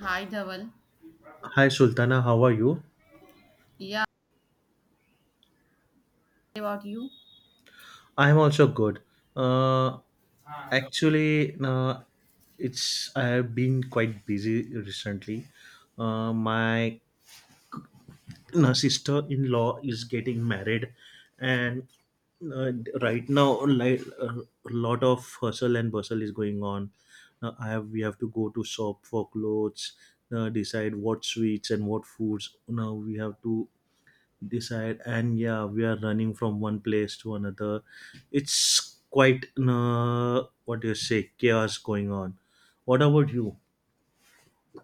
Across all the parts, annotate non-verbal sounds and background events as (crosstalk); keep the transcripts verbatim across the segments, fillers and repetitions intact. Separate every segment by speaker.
Speaker 1: Hi, Dhaval.
Speaker 2: Hi Sultana, how are you?
Speaker 1: Yeah, about you?
Speaker 2: I'm also good. Uh, actually, uh, it's I have been quite busy recently. Uh, my uh, sister-in-law is getting married, and uh, right now, like a lot of hustle and bustle is going on. Uh, I have we have to go to shop for clothes, uh, decide what sweets and what foods. Now we have to decide, and yeah, we are running from one place to another. It's quite uh, what do you say, chaos going on. What about you?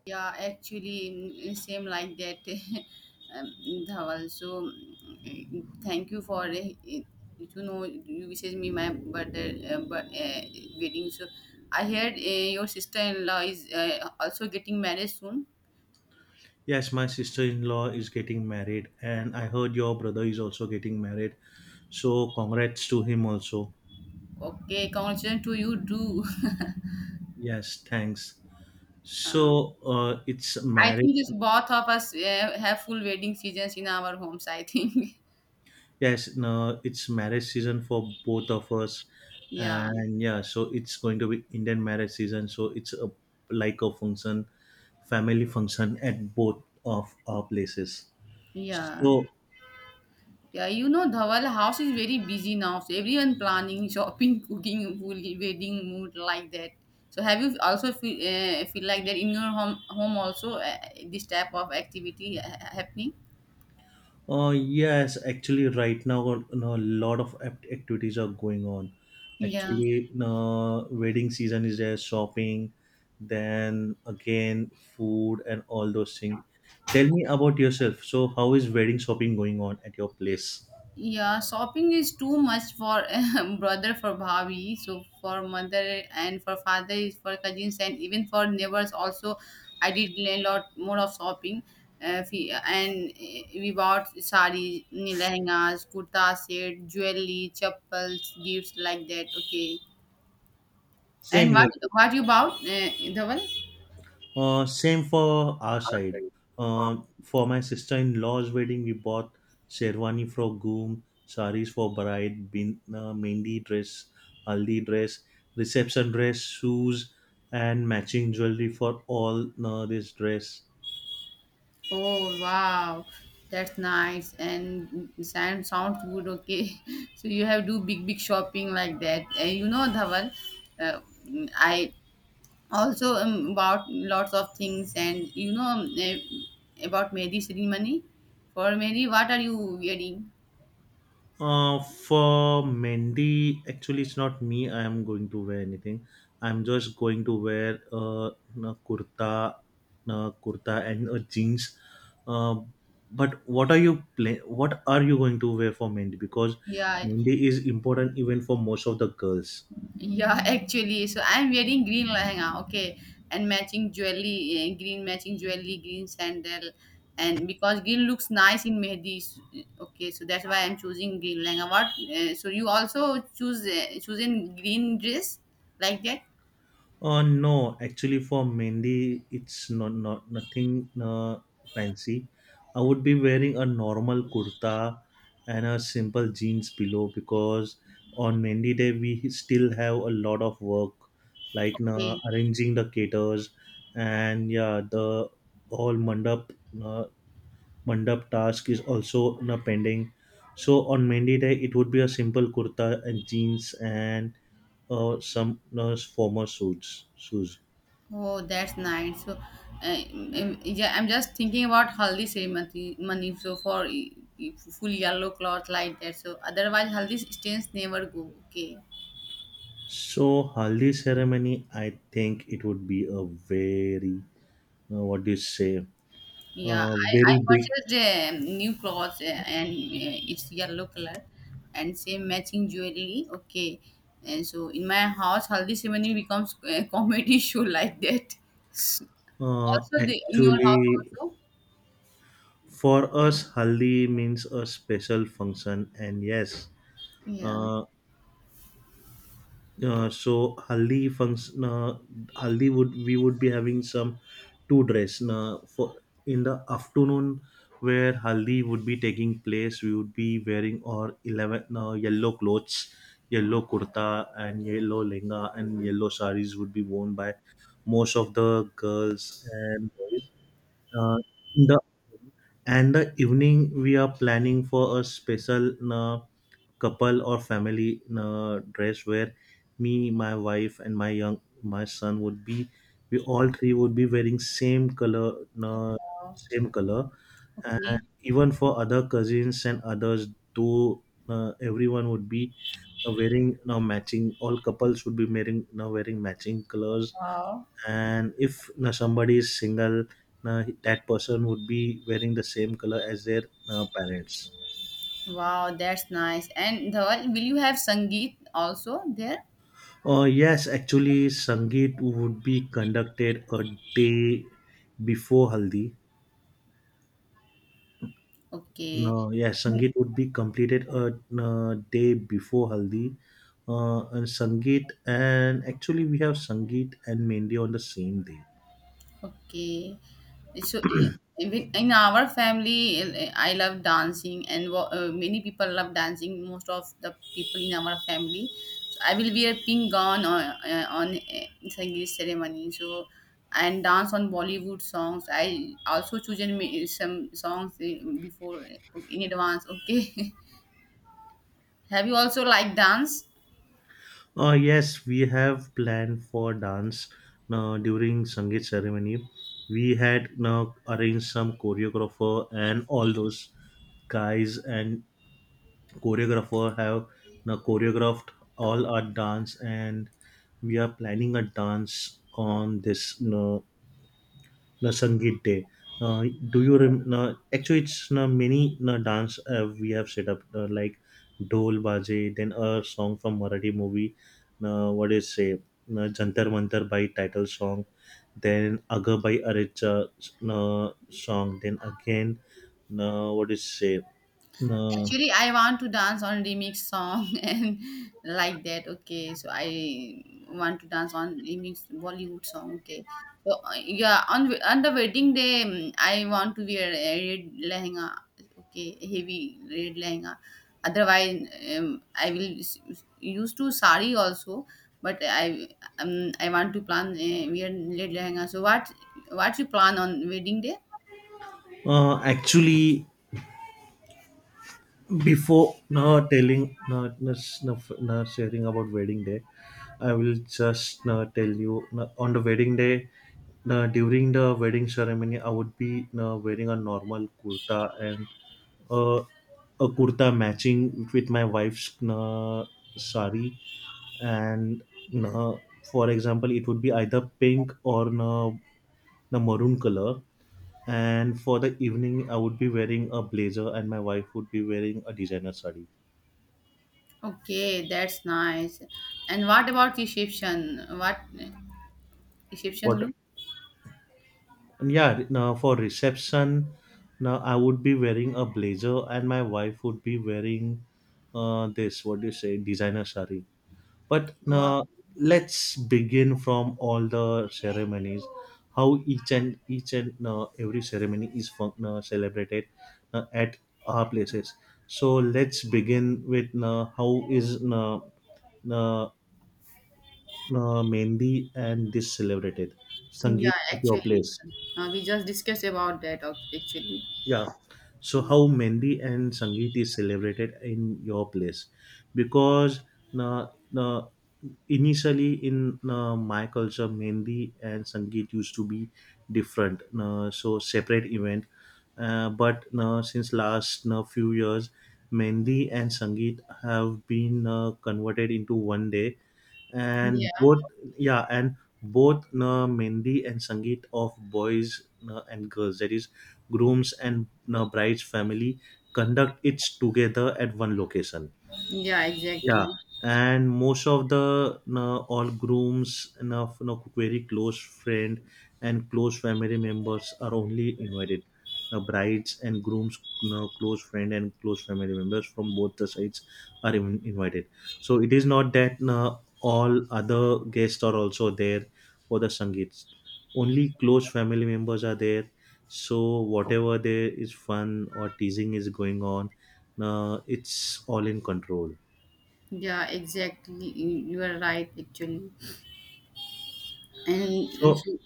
Speaker 1: Yeah, actually, mm, same like that, (laughs) um, Dhaval. So, mm, thank you for, uh, you know, you wishes me my birthday, uh, but uh, wedding. So, I heard uh, your sister-in-law is uh, also getting married soon.
Speaker 2: Yes, my sister-in-law is getting married, and I heard your brother is also getting married, so congrats to him also.
Speaker 1: Okay, congratulations to you too. (laughs)
Speaker 2: Yes, thanks.
Speaker 1: Uh,
Speaker 2: So uh, it's
Speaker 1: I
Speaker 2: marriage.
Speaker 1: think it's both of us uh, have full wedding seasons in our homes, I think.
Speaker 2: Yes, no, it's marriage season for both of us,
Speaker 1: (laughs) Yeah,
Speaker 2: and yeah, so it's going to be Indian marriage season. So it's a like a function, family function at both of our places.
Speaker 1: yeah.
Speaker 2: So,
Speaker 1: Yeah, you know, Dhawal house is very busy now. So everyone planning, shopping, (laughs) cooking, food, wedding, mood like that. So have you also feel, uh, feel like that in your home home also uh, this type of activity uh, happening?
Speaker 2: uh, yes, actually, right now, uh, no, a lot of act- activities are going on.
Speaker 1: Yeah.
Speaker 2: Actually, no, wedding season is there, shopping, then again food and all those things. Tell me about yourself. So, how is wedding shopping going on at your place?
Speaker 1: Yeah, shopping is too much for (laughs) brother for bhabi, so for mother and for father is for cousins and even for neighbors also. I did a lot more of shopping, uh, we- and uh, we bought sarees, lehengas, kurta set, jewelry, chappals, gifts like that. Okay,
Speaker 2: Same
Speaker 1: and
Speaker 2: year.
Speaker 1: what what you bought, uh, Dhaval?
Speaker 2: Uh, same for our side.
Speaker 1: Okay.
Speaker 2: Uh, for my sister-in-law's wedding, we bought sherwani for groom, saris for bride, bin, uh, mehndi dress, haldi dress, reception dress, shoes, and matching jewelry for all uh, this dress.
Speaker 1: Oh wow, that's nice and sound sounds good. Okay, (laughs) so you have do big big shopping like that. And you know, Dhaval, uh, I also um, about lots of things and you know um, eh, about Mehndi ceremony. For Mehndi, what are you wearing?
Speaker 2: Uh, for Mendy, actually, it's not me. I am going to wear anything. I'm just going to wear uh, a kurta, a kurta and a jeans. Uh, but what are you pla- what are you going to wear for Mendy? Because
Speaker 1: Yeah,
Speaker 2: Mendy is important even for most of the girls.
Speaker 1: yeah, (laughs) actually, so I'm wearing green lehenga, okay, and matching jewelry, eh, green matching jewelry, green sandal, and because green looks nice in mehdi, s- okay, so that's why I'm choosing green lehenga. What? Eh, so you also choose uh, choosing green dress like that?
Speaker 2: Uh, no, actually, for Mehndi, it's not not nothing uh, fancy. I would be wearing a normal kurta and a simple jeans below, because on Mehndi day we still have a lot of work, like uh,
Speaker 1: Okay.
Speaker 2: arranging the caters, and yeah, the all mandap. Uh, Mandap task is also now pending. So on Mendy day, it would be a simple kurta and jeans, and uh, some uh, formal suits. Shoes.
Speaker 1: Oh, that's nice. So, uh, um, yeah, I'm just thinking about haldi ceremony. Money, so for eh, eh, full yellow cloth like that. So otherwise, haldi stains never go. Okay.
Speaker 2: So haldi ceremony, I think it would be a very uh, what do you say?
Speaker 1: Yeah,
Speaker 2: Uh,
Speaker 1: I, I
Speaker 2: very big.
Speaker 1: purchased uh, new clothes uh, and uh, it's yellow color and same matching jewelry. Okay, and so in my house, haldi ceremony becomes a comedy (laughs) show like that.
Speaker 2: Uh,
Speaker 1: Also, the in your house
Speaker 2: actually,
Speaker 1: also.
Speaker 2: for us, haldi means a special function, and yes,
Speaker 1: Yeah.
Speaker 2: uh, uh, so haldi function, uh, haldi, would we would be having some two dress uh, for in the afternoon, where haldi would be taking place. We would be wearing our eleven uh, yellow clothes. Yellow kurta and yellow lenga and yellow saris would be worn by most of the girls and boys, uh, in the, and the evening we are planning for a special uh, couple or family uh, dress, where me my wife and my young my son would be, we all three would be wearing same color, uh,
Speaker 1: Wow.
Speaker 2: same color. And
Speaker 1: Okay.
Speaker 2: even for other cousins and others though, uh, everyone would be uh, wearing now matching, all couples would be wearing now wearing matching colors.
Speaker 1: Wow.
Speaker 2: And if uh, somebody is single, uh, that person would be wearing the same color as their uh, parents.
Speaker 1: Wow, that's nice. And Dhawal, will you have Sangeet also there?
Speaker 2: Uh, yes, actually, sangeet would be conducted a day before haldi. No,
Speaker 1: Okay.
Speaker 2: yes, sangeet would be completed a, uh day before haldi. Uh, and sangeet, and actually we have sangeet and mehndi on the same day.
Speaker 1: Okay. So i- even in our family, I I love dancing, and wa- uh, many people love dancing. Most of the people in our family, so I will wear pink gown on uh, eh, on uh, Sangeet ceremony. So and dance on Bollywood songs. I also chosen me- some songs uh, before uh, in advance. Okay. (laughs) Have you also like dance?
Speaker 2: Uh, yes, we have planned for dance uh, during Sangeet ceremony. We had uh, arranged some choreographer and all those guys, and choreographer have uh, choreographed all our dance, and we are planning a dance on this. Uh, na Sangeet Day. Uh, do you rem- na, actually it's na many na dance uh, we have set up uh, like Dol Baje, then a song from Marathi movie. Na, what is say na Jantar Mantar by title song, then Aga by Arecha na song, then again na what is say na.
Speaker 1: Actually, I want to dance on remix song (laughs) and like that. Okay, so I want to dance on remix Bollywood song. Okay, so uh, yeah, on on the wedding day, mm, I want to wear a red lehenga. Okay, heavy red lehenga. Otherwise, um, I will s- s- use to sari also. But I um, I want to plan uh, wear red lehenga. So what what you plan on wedding day?
Speaker 2: Uh, actually, before no telling not no, no, no sharing about wedding day, I will just no, tell you no, on the wedding day no, during the wedding ceremony I would be no, wearing a normal kurta and uh, a kurta matching with my wife's no, sari, and no, for example, it would be either pink or no, no maroon color. And for the evening, I would be wearing a blazer and my wife would be wearing a designer sari.
Speaker 1: Okay, that's nice. And what about Egyptian? What Egyptian look?
Speaker 2: What? Yeah, now for reception, now I would be wearing a blazer and my wife would be wearing uh this, what do you say, designer sari. But
Speaker 1: Wow.
Speaker 2: now let's begin from all the ceremonies, how each and each and uh, every ceremony is fun- uh, celebrated uh, at our places. So let's begin with uh, how is uh, uh, uh, Mehndi and this celebrated,
Speaker 1: Yeah,
Speaker 2: Sangeet at your
Speaker 1: actually,
Speaker 2: place.
Speaker 1: uh, we just discussed about that uh, actually.
Speaker 2: Yeah. So how Mendi and Sangeet is celebrated in your place? Because uh, uh, initially in uh, my culture, Mendi and Sangeet used to be different, uh, so separate event. Uh, but uh, since last uh, few years, Mendi and Sangeet have been uh, converted into one day, and
Speaker 1: Yeah,
Speaker 2: both, yeah, and both uh, Mendi and Sangeet of boys uh, and girls. That is groom's and the bride's family conduct it together at one location.
Speaker 1: yeah,
Speaker 2: Yeah,
Speaker 1: exactly.
Speaker 2: and most of the, you know, all grooms, you know, you know, very close friend and close family members are only invited. The brides and grooms, you know, close friend and close family members from both the sides are in- invited. So it is not that, you know, all other guests are also there for the sangeet. Only close family members are there. So whatever there is fun or teasing is going on, uh, it's all in control.
Speaker 1: Yeah, exactly. You you are right actually. And and
Speaker 2: So,
Speaker 1: so-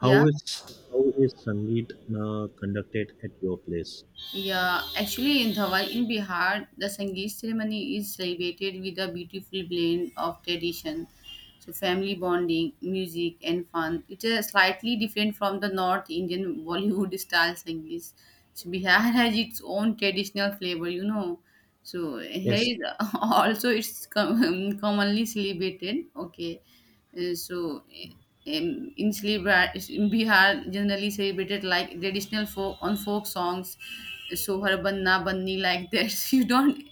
Speaker 2: how is how is Sangeet uh, conducted at your place?
Speaker 1: Yeah, actually in Dhawal, in Bihar, the Sangeet ceremony is celebrated with a beautiful blend of tradition, so family bonding, music, and fun. It is slightly different from the North Indian (laughs) Bollywood style Sangeet. So Bihar (laughs) has its own traditional flavor, you know. So here
Speaker 2: Yes.
Speaker 1: is (laughs) also it's com- commonly celebrated. Okay, uh, so, uh, um, in Sleep- in Bihar, generally celebrated like traditional folk on folk songs. So, har banna banni like that. (laughs) You don't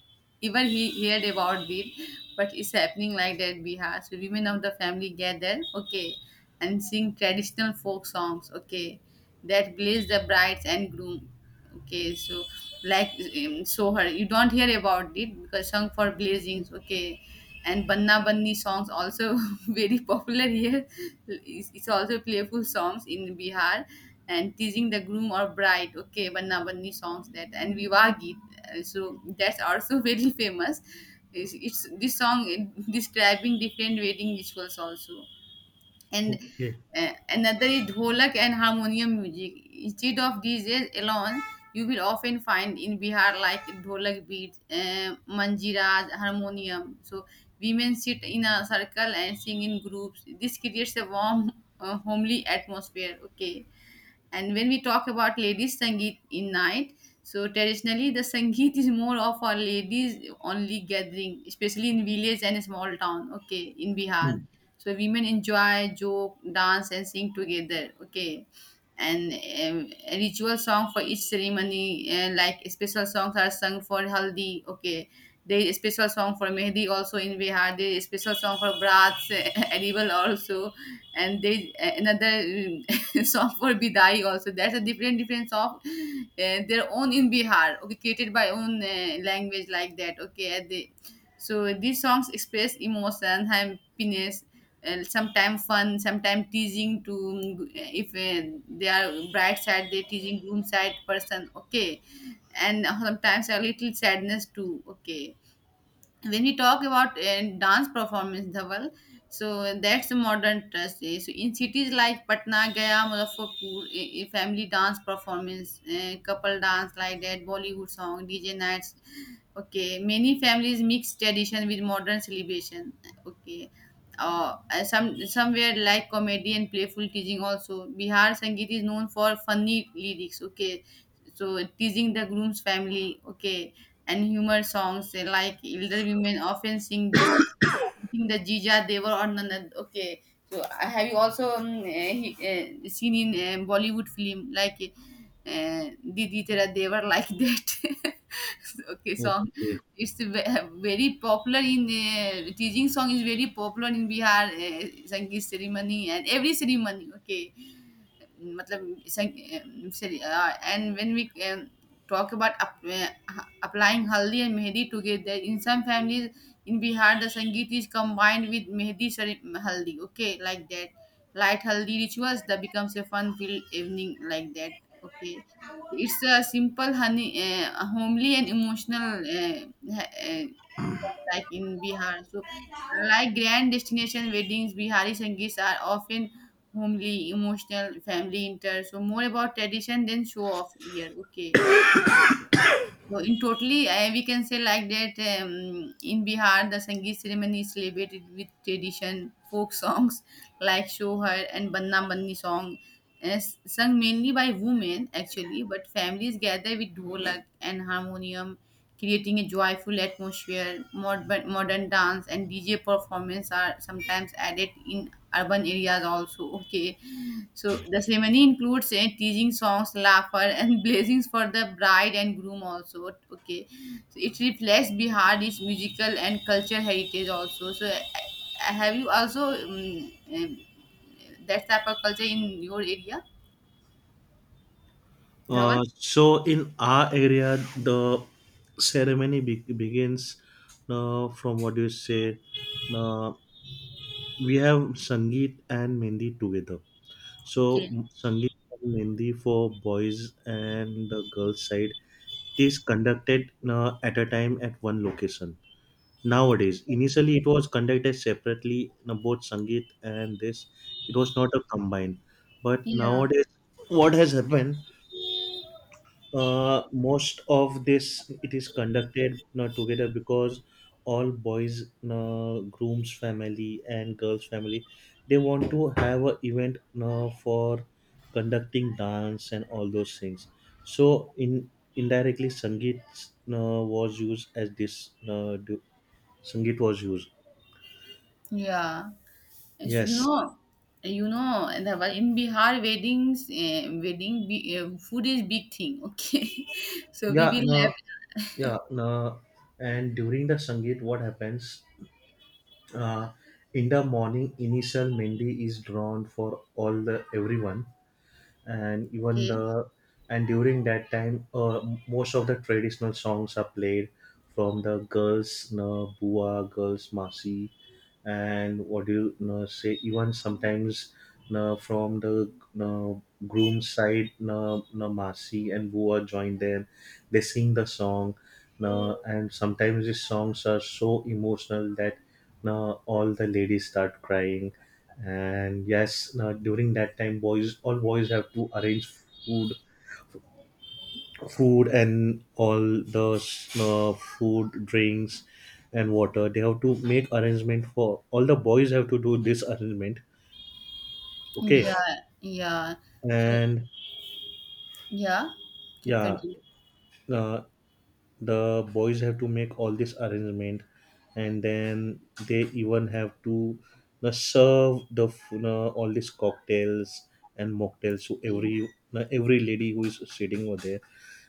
Speaker 1: even he heard about it, but it's happening like that in Bihar. So, women of the family gather, okay, and sing traditional folk songs, okay, that blaze the brides and groom. Okay, so like um, Sohar, you don't hear about it because sung for blazings, okay, and Banna Banni songs also (laughs) (laughs) very popular here. It's it's also playful songs in Bihar and teasing the groom or bride. Okay, banna banni songs that and Viva Geet. Uh, So that's also (laughs) very famous. It's, it's this song is describing different wedding rituals also and
Speaker 2: Okay.
Speaker 1: uh, another is dholak and harmonium music. Instead of D Js alone, you will often find in Bihar like dholak beats, uh, manjiras, harmonium. So women sit in a circle and sing in groups. This creates a warm, uh, homely atmosphere. Okay, and when we talk about ladies Sangeet in night, so traditionally the Sangeet is more of our ladies only gathering, especially in village and small town, okay, in Bihar. So women enjoy, joke, dance and sing together, okay. And um, a ritual song for each ceremony, uh, like special songs are sung for Haldi, okay. There is a special song for Mehdi also in Bihar. There is a special song for Brats, (laughs) Edible also and they another um, (laughs) song for Bidai also. That's a different different song, uh, their own in Bihar. Okay, created by own uh, language like that. Okay, and they, so these songs express emotion, happiness, and sometimes fun, sometimes teasing to mm, if uh, they are bride side, they teasing groom side person. Okay, and sometimes a little sadness too. Okay, when we talk about uh, dance performance dhaval, so that's a modern trust eh. So in cities like Patna, Gaya, Muzaffarpur, eh, eh, family dance performance, eh, couple dance like that, Bollywood song, DJ nights. Okay, many families mix tradition with modern celebration. Okay, uh, and some somewhere like comedy and playful teasing also, Bihar sangeet is known for funny lyrics. Okay, so teasing the groom's family. Okay, and humor songs, eh, like elder women often sing jokes eating the jija they were on another. Okay, so I have you also um, eh, he, eh, seen in eh, bollywood film like uh, didi tera they were like that (laughs) okay song.
Speaker 2: Okay.
Speaker 1: It's ve- very popular in uh, teaching song is very popular in Bihar uh, sangeet ceremony and every ceremony. Okay. मतलब संग and when we talk about applying haldi and mehndi together in some families. In Bihar, the Sangeet is combined with Mehdi cere- Haldi, okay, like that. Light Haldi rituals that becomes a fun filled evening, like that, okay. It's a simple, honey, uh, homely, and emotional, uh, uh, like in Bihar. So, like grand destination weddings, Bihari Sangeets are often homely, emotional, family inter. So, more about tradition than show off here, okay. So in totally, uh, we can say like that um, in Bihar, the Sangeet ceremony is celebrated with tradition, folk songs like Shohar and Banna Banni song, uh, sung mainly by women actually, but families gather with dholak and harmonium, creating a joyful atmosphere. Modern, modern dance and D J performance are sometimes added in urban areas also. Okay, so the ceremony includes eh, teasing songs, laughter, and (laughs) blessings for the bride and groom also. Okay, so it reflects Bihar its musical and cultural heritage also. So eh, eh, have you also um, um, that type of culture in your area,
Speaker 2: Uh,
Speaker 1: Dhawan?
Speaker 2: so in our area, the ceremony be- begins uh, from what you say. Uh, we have Sangeet and Mendi together. So
Speaker 1: Okay.
Speaker 2: Sangeet and Mendi for boys and the girls side. It is conducted uh, at a time at one location. Nowadays, initially it was conducted separately, you know, both Sangeet and this. It was not a combined. But
Speaker 1: Yeah,
Speaker 2: nowadays, what has happened? Uh, most of this it is conducted not together, because all boys, you know, groom's family and girls family, they want to have a event, you know, for conducting dance and all those things. So in indirectly, Sangeet, you know, was used as this, you know, du- Sangeet was used.
Speaker 1: yeah. As you
Speaker 2: Yes.
Speaker 1: know you know Dhawan, in Bihar weddings, uh, wedding be, uh, food is big thing. Okay, (laughs) so we
Speaker 2: Yeah.
Speaker 1: will
Speaker 2: No.
Speaker 1: have.
Speaker 2: Yeah. No. And during the Sangeet, what happens? Uh, in the morning, initial Mendi is drawn for all the everyone, and even
Speaker 1: Okay.
Speaker 2: the, and during that time, uh, most of the traditional songs are played from the girls, na bua, girls, masi, and what do you, you know, say, even sometimes, you know, from the, you know, groom's side, you know, you know, Masi and Bua join them, they sing the song, you know. And sometimes these songs are so emotional that, you know, all the ladies start crying. And yes, you know, during that time, boys, all boys have to arrange food, food and all the uh, food drinks and water. They have to make arrangement for all, the boys have to do this arrangement. Okay.
Speaker 1: Yeah, yeah. So
Speaker 2: And
Speaker 1: yeah, keep
Speaker 2: yeah,
Speaker 1: continuing.
Speaker 2: uh, the boys have to make all this arrangement, and then they even have to uh, serve the f- uh, all these cocktails and mocktails to
Speaker 1: Okay.
Speaker 2: every uh, every lady who is sitting over there.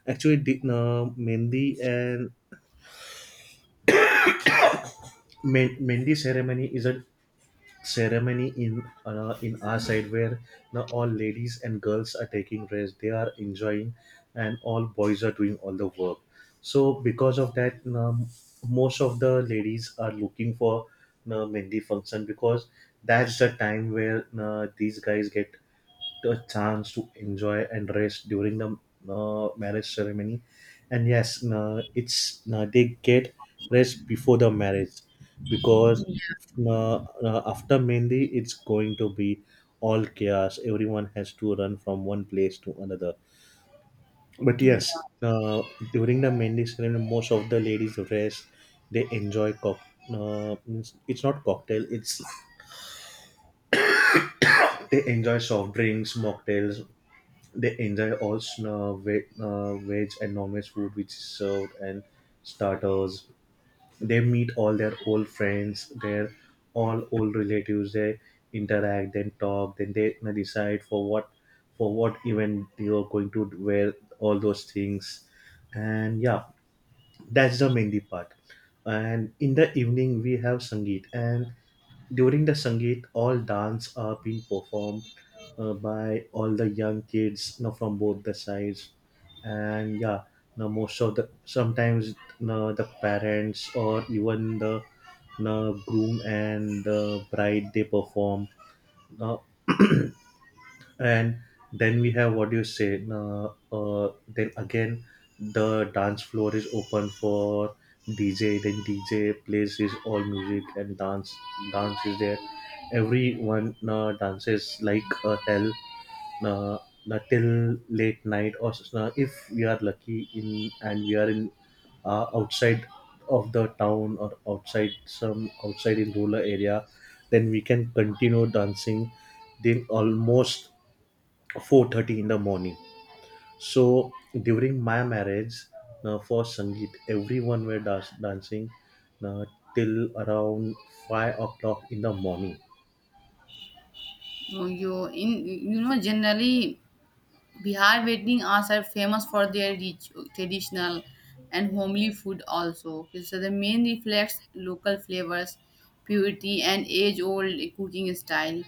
Speaker 2: Actually, the uh, mendi and men- mendi ceremony is a ceremony in uh, in our side, where now all ladies and girls are taking rest, they are enjoying, and all boys are doing all the work. So because of that, um, most of the ladies are looking for uh, mehndi function, because that's the time where uh, these guys get a chance to enjoy and rest during the uh, marriage ceremony. And yes, uh, it's uh, they get rest before the marriage, because uh, uh, after mendi it's going to be all chaos, everyone has to run from one place to another. But
Speaker 1: Yeah.
Speaker 2: yes, uh, during the mendi ceremony, most of the ladies rest, they enjoy cock uh, means- it's not cocktail, it's, they enjoy soft drinks, mocktails. They enjoy all sn- uh, ve- uh, veg and non-veg food which is served, and starters. They meet all their old friends, their all old relatives. They interact, then talk, then they decide for what, for what event they are going to wear, all those things. And yeah, that's the mehndi part, and in the evening we have sangeet, and during the sangeet all dance are being performed uh, by all the young kids, you know, from both the sides. And yeah, now most of the sometimes, you know, the parents or even the, you know, groom and the bride they perform. Now and then we have, what do you say, uh, uh, then again the dance floor is open for DJ. Then DJ plays his all music and dance dance is there. Everyone uh, dances like a hell, uh, uh, till late night, or uh, if we are lucky in, and we are in uh, outside of the town, or outside some outside in rural area, then we can continue dancing. Then almost four thirty in the morning. So during my marriage, uh, for sangeet everyone were das- dancing uh, till around five o'clock in the morning.
Speaker 1: No, you in you know generally Bihar wedding are famous for their rich, traditional and homely food also. Okay, so the main reflects local flavors, purity and age-old cooking style.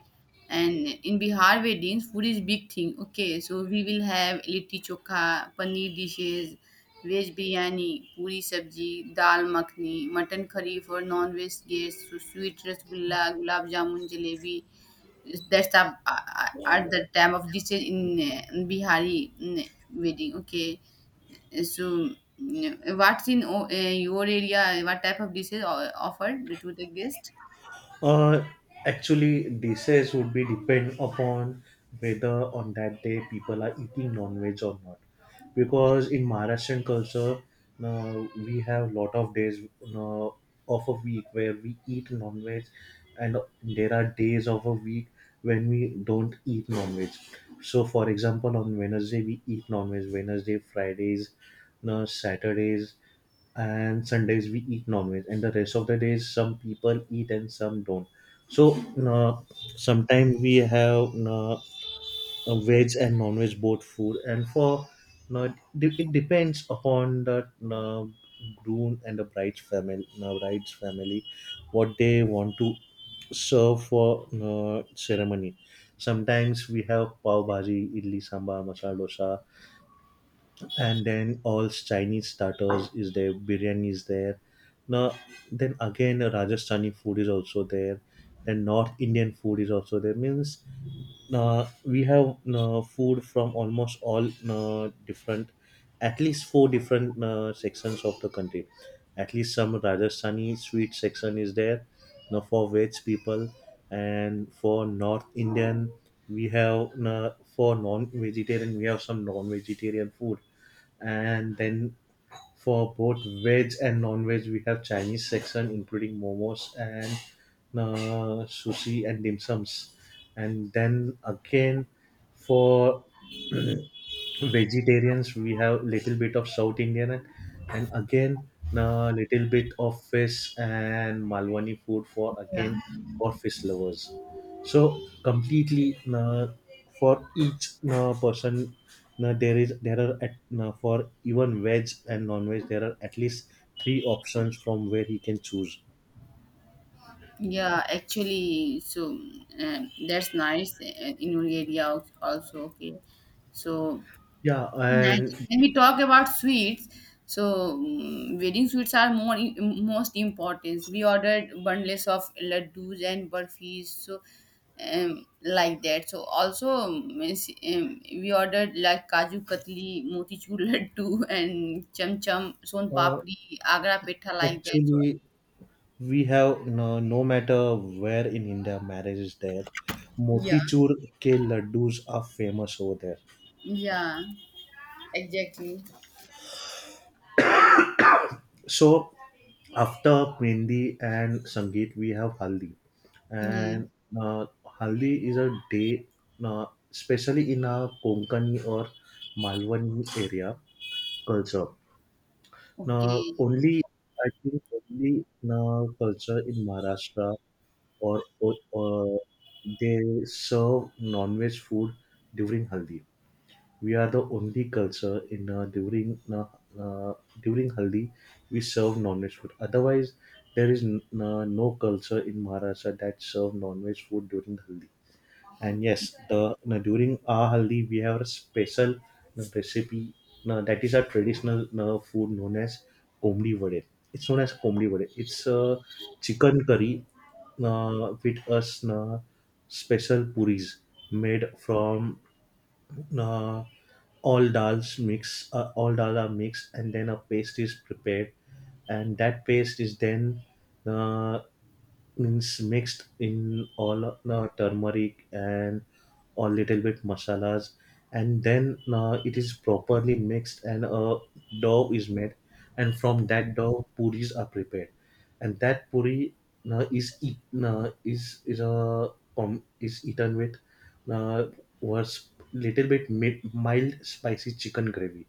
Speaker 1: And in Bihar weddings, food is big thing. Okay, so we will have litti chokha, paneer dishes, veg biryani, puri sabji, dal makhni, mutton curry for non-veg guests, so sweet rasgulla, gulab jamun, jalebi that's up uh, at the time of decision in uh, Bihari mm, wedding. Okay, so mm, what's in o- uh, your area? What type of dishes o- offered to the guest?
Speaker 2: Uh, Actually, dishes would be depend upon whether on that day people are eating non-veg or not. Because in Maharashtrian culture, uh, we have lot of days uh, of a week where we eat non-veg, and there are days of a week when we don't eat non-veg. So, for example, on Wednesday we eat non-veg. Wednesday, Fridays, uh, Saturdays and Sundays we eat non-veg, and the rest of the days some people eat and some don't. So uh, sometimes we have uh, veg and non-veg both food, and for uh, de- it depends upon the uh, groom and the bride's family, uh, bride's family, what they want to serve for uh, ceremony. Sometimes we have pav bhaji, idli sambar, masala dosa, and then all Chinese starters is there, biryani is there. Now, then again, Rajasthani food is also there. Then North Indian food is also there. Means uh, we have uh, food from almost all uh, different, at least four different uh, sections of the country. At least some Rajasthani sweet section is there now for veg people, and for North Indian we have, uh, for non-vegetarian we have some non-vegetarian food, and then for both veg and non-veg we have Chinese section including momos and uh, sushi and dim sums. And then again, for vegetarians we have little bit of South Indian, and, and again a little bit of fish and Malwani food for,
Speaker 1: Yeah,
Speaker 2: again, for fish lovers. So completely uh, for each uh, person, uh, there is, there are at, uh, for even veg and non-veg there are at least three options from where he can choose.
Speaker 1: yeah. Actually, so um, that's nice uh, in your area als- also. Okay, so
Speaker 2: Yeah,
Speaker 1: that
Speaker 2: and
Speaker 1: when we talk about sweets, so mm, wedding sweets are more i- most important. We ordered bundles of laddus and burfis, so um, like that. So also um, is- um, we ordered like kaju katli, motichur (laughs) laddu, and cham cham, son
Speaker 2: uh,
Speaker 1: papdi, agra petha, like that. So
Speaker 2: actually we have, no, no matter where in India marriage is there,
Speaker 1: yeah,
Speaker 2: motichur ke laddus are famous over there.
Speaker 1: yeah, exactly.
Speaker 2: So after mehendi and sangeet, we have haldi,
Speaker 1: Yeah.
Speaker 2: and uh, haldi is a day, uh, especially in a Konkani or Malwani area culture. Now
Speaker 1: Okay.
Speaker 2: only, I think, only uh, culture in Maharashtra, or, or, or they serve non-veg food during haldi. We are the only culture in uh, during uh, uh, during haldi we serve non-veg food. Otherwise, there is n- uh, no culture in Maharashtra that serve non-veg food during haldi. And yes, the no, during our haldi we have a special, no, recipe, no, that is a traditional, no, food known as komdi vade. It's known as komdi vade. It's a chicken curry, no, with us, no, special puris made from, no, all dals mix, uh, all dal are mixed and then a paste is prepared, and that paste is then, uh, means mixed in all uh, turmeric and a little bit masalas, and then uh, it is properly mixed and a dough is made, and from that dough puris are prepared. And that puri uh, is eat, uh, is is a um, is eaten with uh, was little bit mi- mild spicy chicken gravy.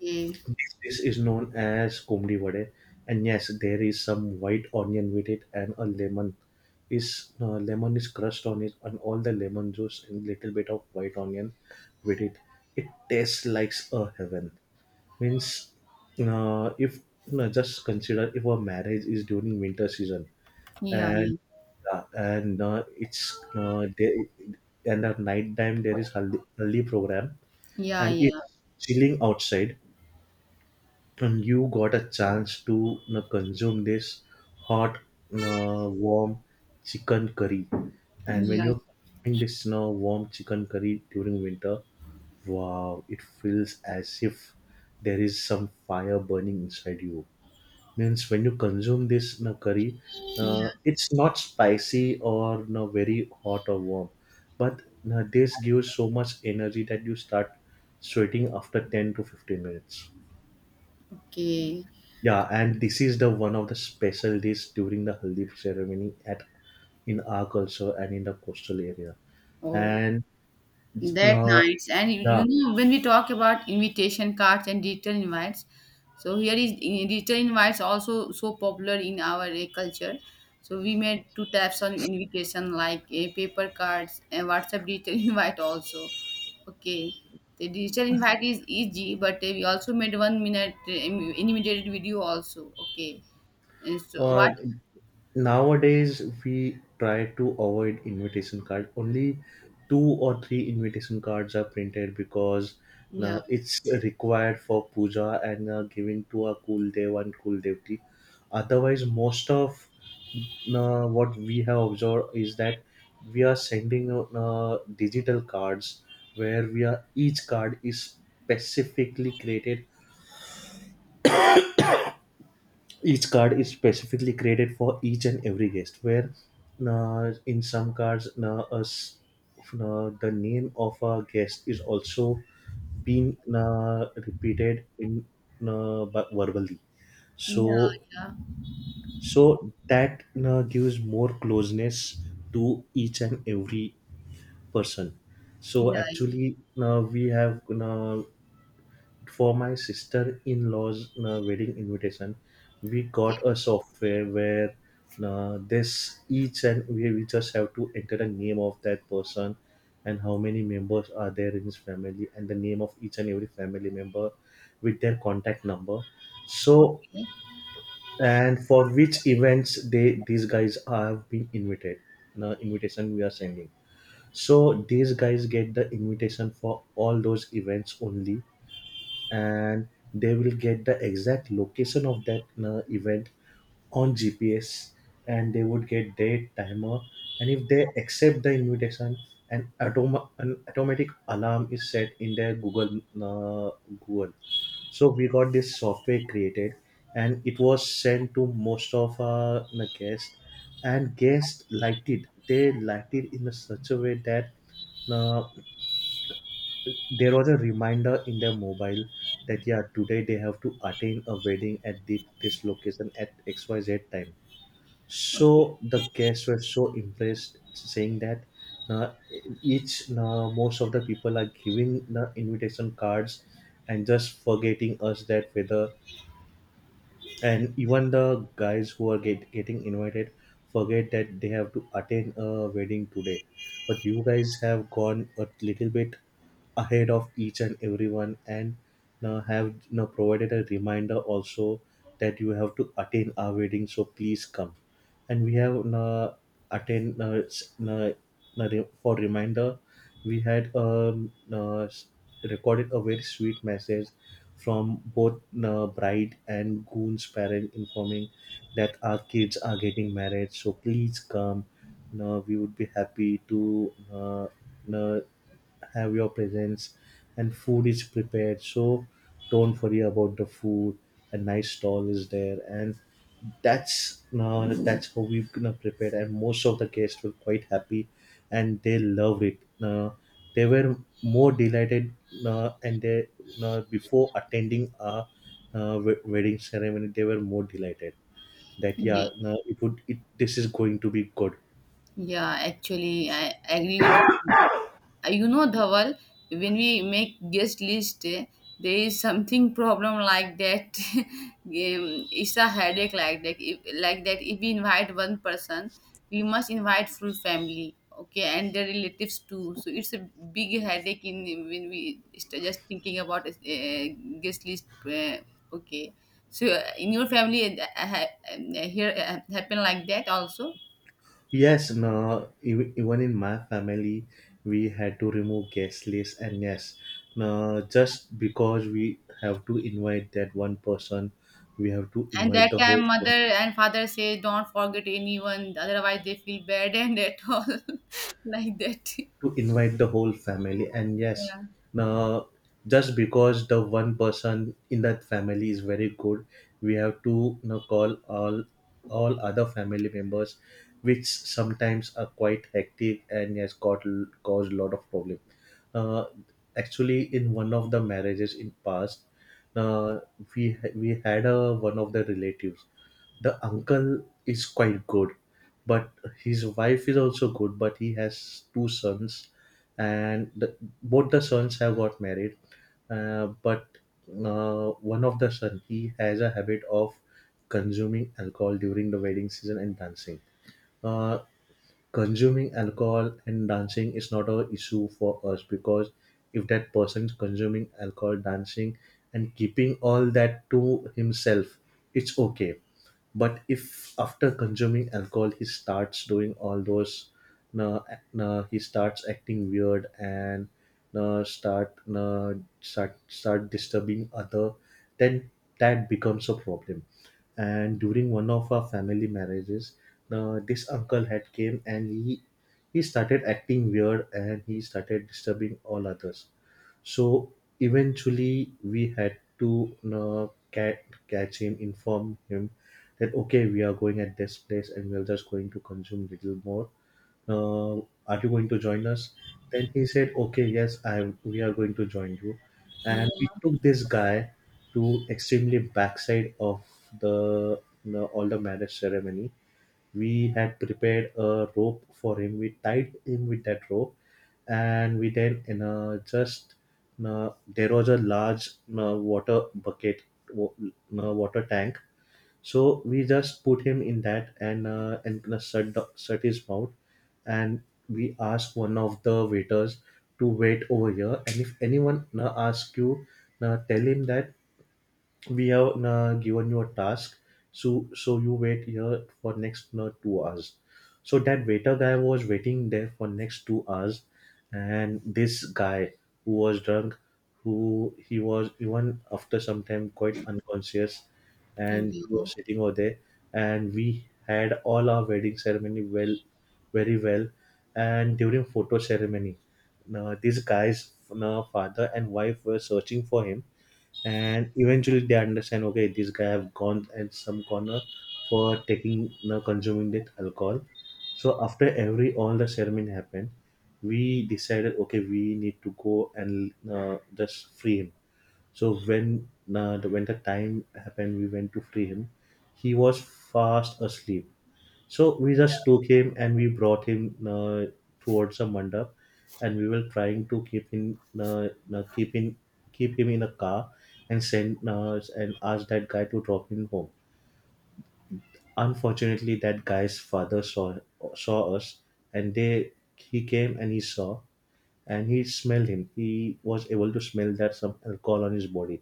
Speaker 1: Okay.
Speaker 2: This dish is known as komdi vade, and yes, there is some white onion with it, and a lemon is uh, lemon is crushed on it, and all the lemon juice and little bit of white onion with it. It tastes like a heaven. Means, uh, if, no, just consider if a marriage is during winter season,
Speaker 1: Yeah.
Speaker 2: and yeah, and uh, it's uh, there, and at night time there is haldi, haldi program,
Speaker 1: Yeah.
Speaker 2: and
Speaker 1: Yeah.
Speaker 2: it's chilling outside, and you got a chance to, you know, consume this hot, you know, warm chicken curry. And when
Speaker 1: Yeah. Yeah.
Speaker 2: you're consuming this, you know, warm chicken curry during winter, wow, it feels as if there is some fire burning inside you. Means when you consume this, you know, curry,
Speaker 1: Yeah.
Speaker 2: uh, it's not spicy or, you know, very hot or warm, but, you know, this gives so much energy that you start sweating after ten to fifteen minutes.
Speaker 1: Okay.
Speaker 2: Yeah, and this is the one of the special days during the haldi ceremony at, in our culture and in the coastal area.
Speaker 1: Oh,
Speaker 2: And
Speaker 1: that
Speaker 2: uh,
Speaker 1: nice. And you,
Speaker 2: yeah,
Speaker 1: you know, when we talk about invitation cards and digital invites, so here is in- digital invites also so popular in our uh, culture. So we made two types of invitation like a paper cards and WhatsApp digital (laughs) invite also. Okay. The digital invite is easy, but uh, we also made one minute uh, im- animated video also. Okay. And so
Speaker 2: uh,
Speaker 1: what?
Speaker 2: nowadays we try to avoid invitation card. Only two or three invitation cards are printed because
Speaker 1: Yeah.
Speaker 2: uh, it's required for puja and uh, giving to a cool dev and cool devti. Otherwise, most of uh, what we have observed is that we are sending out uh, digital cards where we are, each card is specifically created Each card is specifically created for each and every guest. Where uh, in some cards, uh, us, uh, the name of a guest is also being uh, repeated in, uh, bu- verbally.
Speaker 1: Yeah.
Speaker 2: So
Speaker 1: Yeah.
Speaker 2: so that uh, gives more closeness to each and every person. So
Speaker 1: Yeah.
Speaker 2: actually, uh, we have. Uh, for my sister-in-law's uh, wedding invitation, we
Speaker 1: Okay.
Speaker 2: got a software where uh, this each, and we, we just have to enter the name of that person and how many members are there in his family and the name of each and every family member with their contact number. So,
Speaker 1: Okay.
Speaker 2: and for which events they, these guys have been invited, the invitation we are sending, so these guys get the invitation for all those events only. And they will get the exact location of that uh, event on G P S, and they would get date, timer, and if they accept the invitation, an, autom- an automatic alarm is set in their Google uh, Google. So we got this software created, and it was sent to most of our uh, guests, and guests liked it. They liked it in a such a way that uh, there was a reminder in their mobile that yeah, today they have to attend a wedding at the, this location at xyz time.
Speaker 1: Okay.
Speaker 2: So the guests were so impressed, saying that uh, each uh, most of the people are giving the invitation cards and just forgetting us that whether, and even the guys who are get, getting invited forget that they have to attend a wedding today. But you guys have gone a little bit ahead of each and everyone, and now have now provided a reminder also that you have to attend our wedding, so please come. And we have now attend now, s- now, now re- for reminder we had, um, now s- recorded a very sweet message from both uh, bride and groom's parents informing that our kids are getting married, so please come. No, we would be happy to uh, uh, have your presence, and food is prepared, so don't worry about the food. A nice stall is there, and that's uh, that's how we gonna prepare. And most of the guests were quite happy and they loved it. Uh, they were more delighted, uh, and they, uh, before attending a, uh, we- wedding ceremony, they were more delighted that
Speaker 1: Yeah.
Speaker 2: yeah, no, it would it, this is going to be good.
Speaker 1: Yeah, actually, I agree with you. Uh, You know, Dhaval, when we make guest list, eh, there is something problem like that. (laughs) Um, it's a headache like that. If, like that, if we invite one person, we must invite full family, okay, and their relatives too. So it's a big headache in when we st- just thinking about uh, guest list. Uh, okay, so uh, in your family, uh, ha- uh, here uh, happen like that also.
Speaker 2: Yes, no, ev- even in my family, we had to remove guest list. And yes, no, just because we have to invite that one person, we have to
Speaker 1: And
Speaker 2: invite
Speaker 1: that
Speaker 2: the whole,
Speaker 1: time, mother and father say, "Don't forget anyone, otherwise they feel bad and at all, (laughs) like that."
Speaker 2: to invite the whole family. And yes,
Speaker 1: Yeah,
Speaker 2: now, just because the one person in that family is very good, we have to, you know, call all all other family members, which sometimes are quite hectic. And yes, got caused a lot of problem. uh, Actually, in one of the marriages in past, uh, we we had a, one of the relatives, the uncle, is quite good, but his wife is also good, but he has two sons, and the, both the sons have got married. Uh, but uh, one of the son he has a habit of consuming alcohol during the wedding season and dancing. uh, Consuming alcohol and dancing is not a issue for us, because if that person is consuming alcohol dancing and keeping all that to himself, it's okay. But if after consuming alcohol he starts doing all those, uh, uh, he starts acting weird, and uh, start uh, start start disturbing other, then that becomes a problem. And during one of our family marriages, uh, this uncle had came and he he started acting weird and he started disturbing all others. So eventually we had to, uh, ca- catch him, inform him that okay, we are going at this place and we are just going to consume little more, uh, are you going to join us. Then he said okay, yes, i am- we are going to join you. And we
Speaker 1: yeah,
Speaker 2: took this guy to extremely backside of the, you know, all the marriage ceremony. We had prepared a rope for him. We tied him with that rope, and we then, you know, just, you know, there was a large, you know, water bucket, wa- you know, water tank, so we just put him in that, and uh, and gonna shut the, shut his mouth. And we ask one of the waiters to wait over here. And if anyone na ask you, na tell him that we have uh, given you a task, so so you wait here for next uh, two hours. So that waiter guy was waiting there for next two hours. And this guy who was drunk, who he was even after some time quite unconscious,
Speaker 1: thank
Speaker 2: and he was
Speaker 1: you.
Speaker 2: sitting over there. And we had all our wedding ceremony well, very well. And during photo ceremony, now these guys, now father and wife were searching for him, and eventually they understand, okay, this guy have gone at some corner for taking, now consuming that alcohol. So after every, all the ceremony happened, we decided okay, we need to go and uh, just free him. So when uh, the winter time happened, we went to free him. He was fast asleep. So we just took
Speaker 1: Yeah.
Speaker 2: him and we brought him uh, towards a mandap, and we were trying to keep him, uh, uh, keep him, keep him in a car, and send, uh, and ask that guy to drop him home. Unfortunately, that guy's father saw, saw us, and they he came and he saw, and he smelled him. He was able to smell that some alcohol on his body.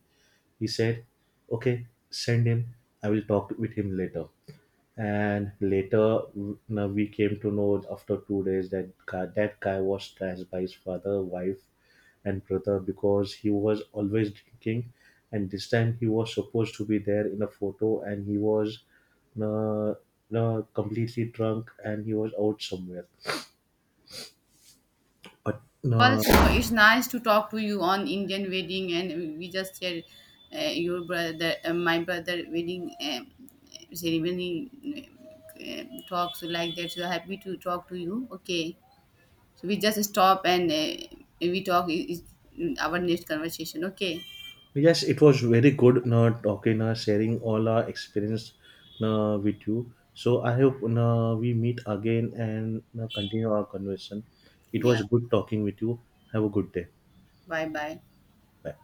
Speaker 2: He said, "Okay, send him. I will talk with him later." And later, w- now we came to know after two days that guy, that guy was trashed by his father, wife, and brother because he was always drinking, and this time he was supposed to be there in a photo, and he was uh, uh, completely drunk and he was out somewhere. But no,
Speaker 1: Also, it's nice to talk to you on Indian wedding, and we just shared uh, your brother, uh, my brother wedding um, ceremony uh, talks like that. So happy to talk to you. Okay, so we just stop and uh, we talk. Is our next conversation? Okay.
Speaker 2: yes, it was very good na, talking, uh, sharing all our experience na, with you. So I hope na, we meet again and na, continue our conversation. It
Speaker 1: Yeah.
Speaker 2: was good talking with you. Have a good day.
Speaker 1: Bye bye.
Speaker 2: Bye.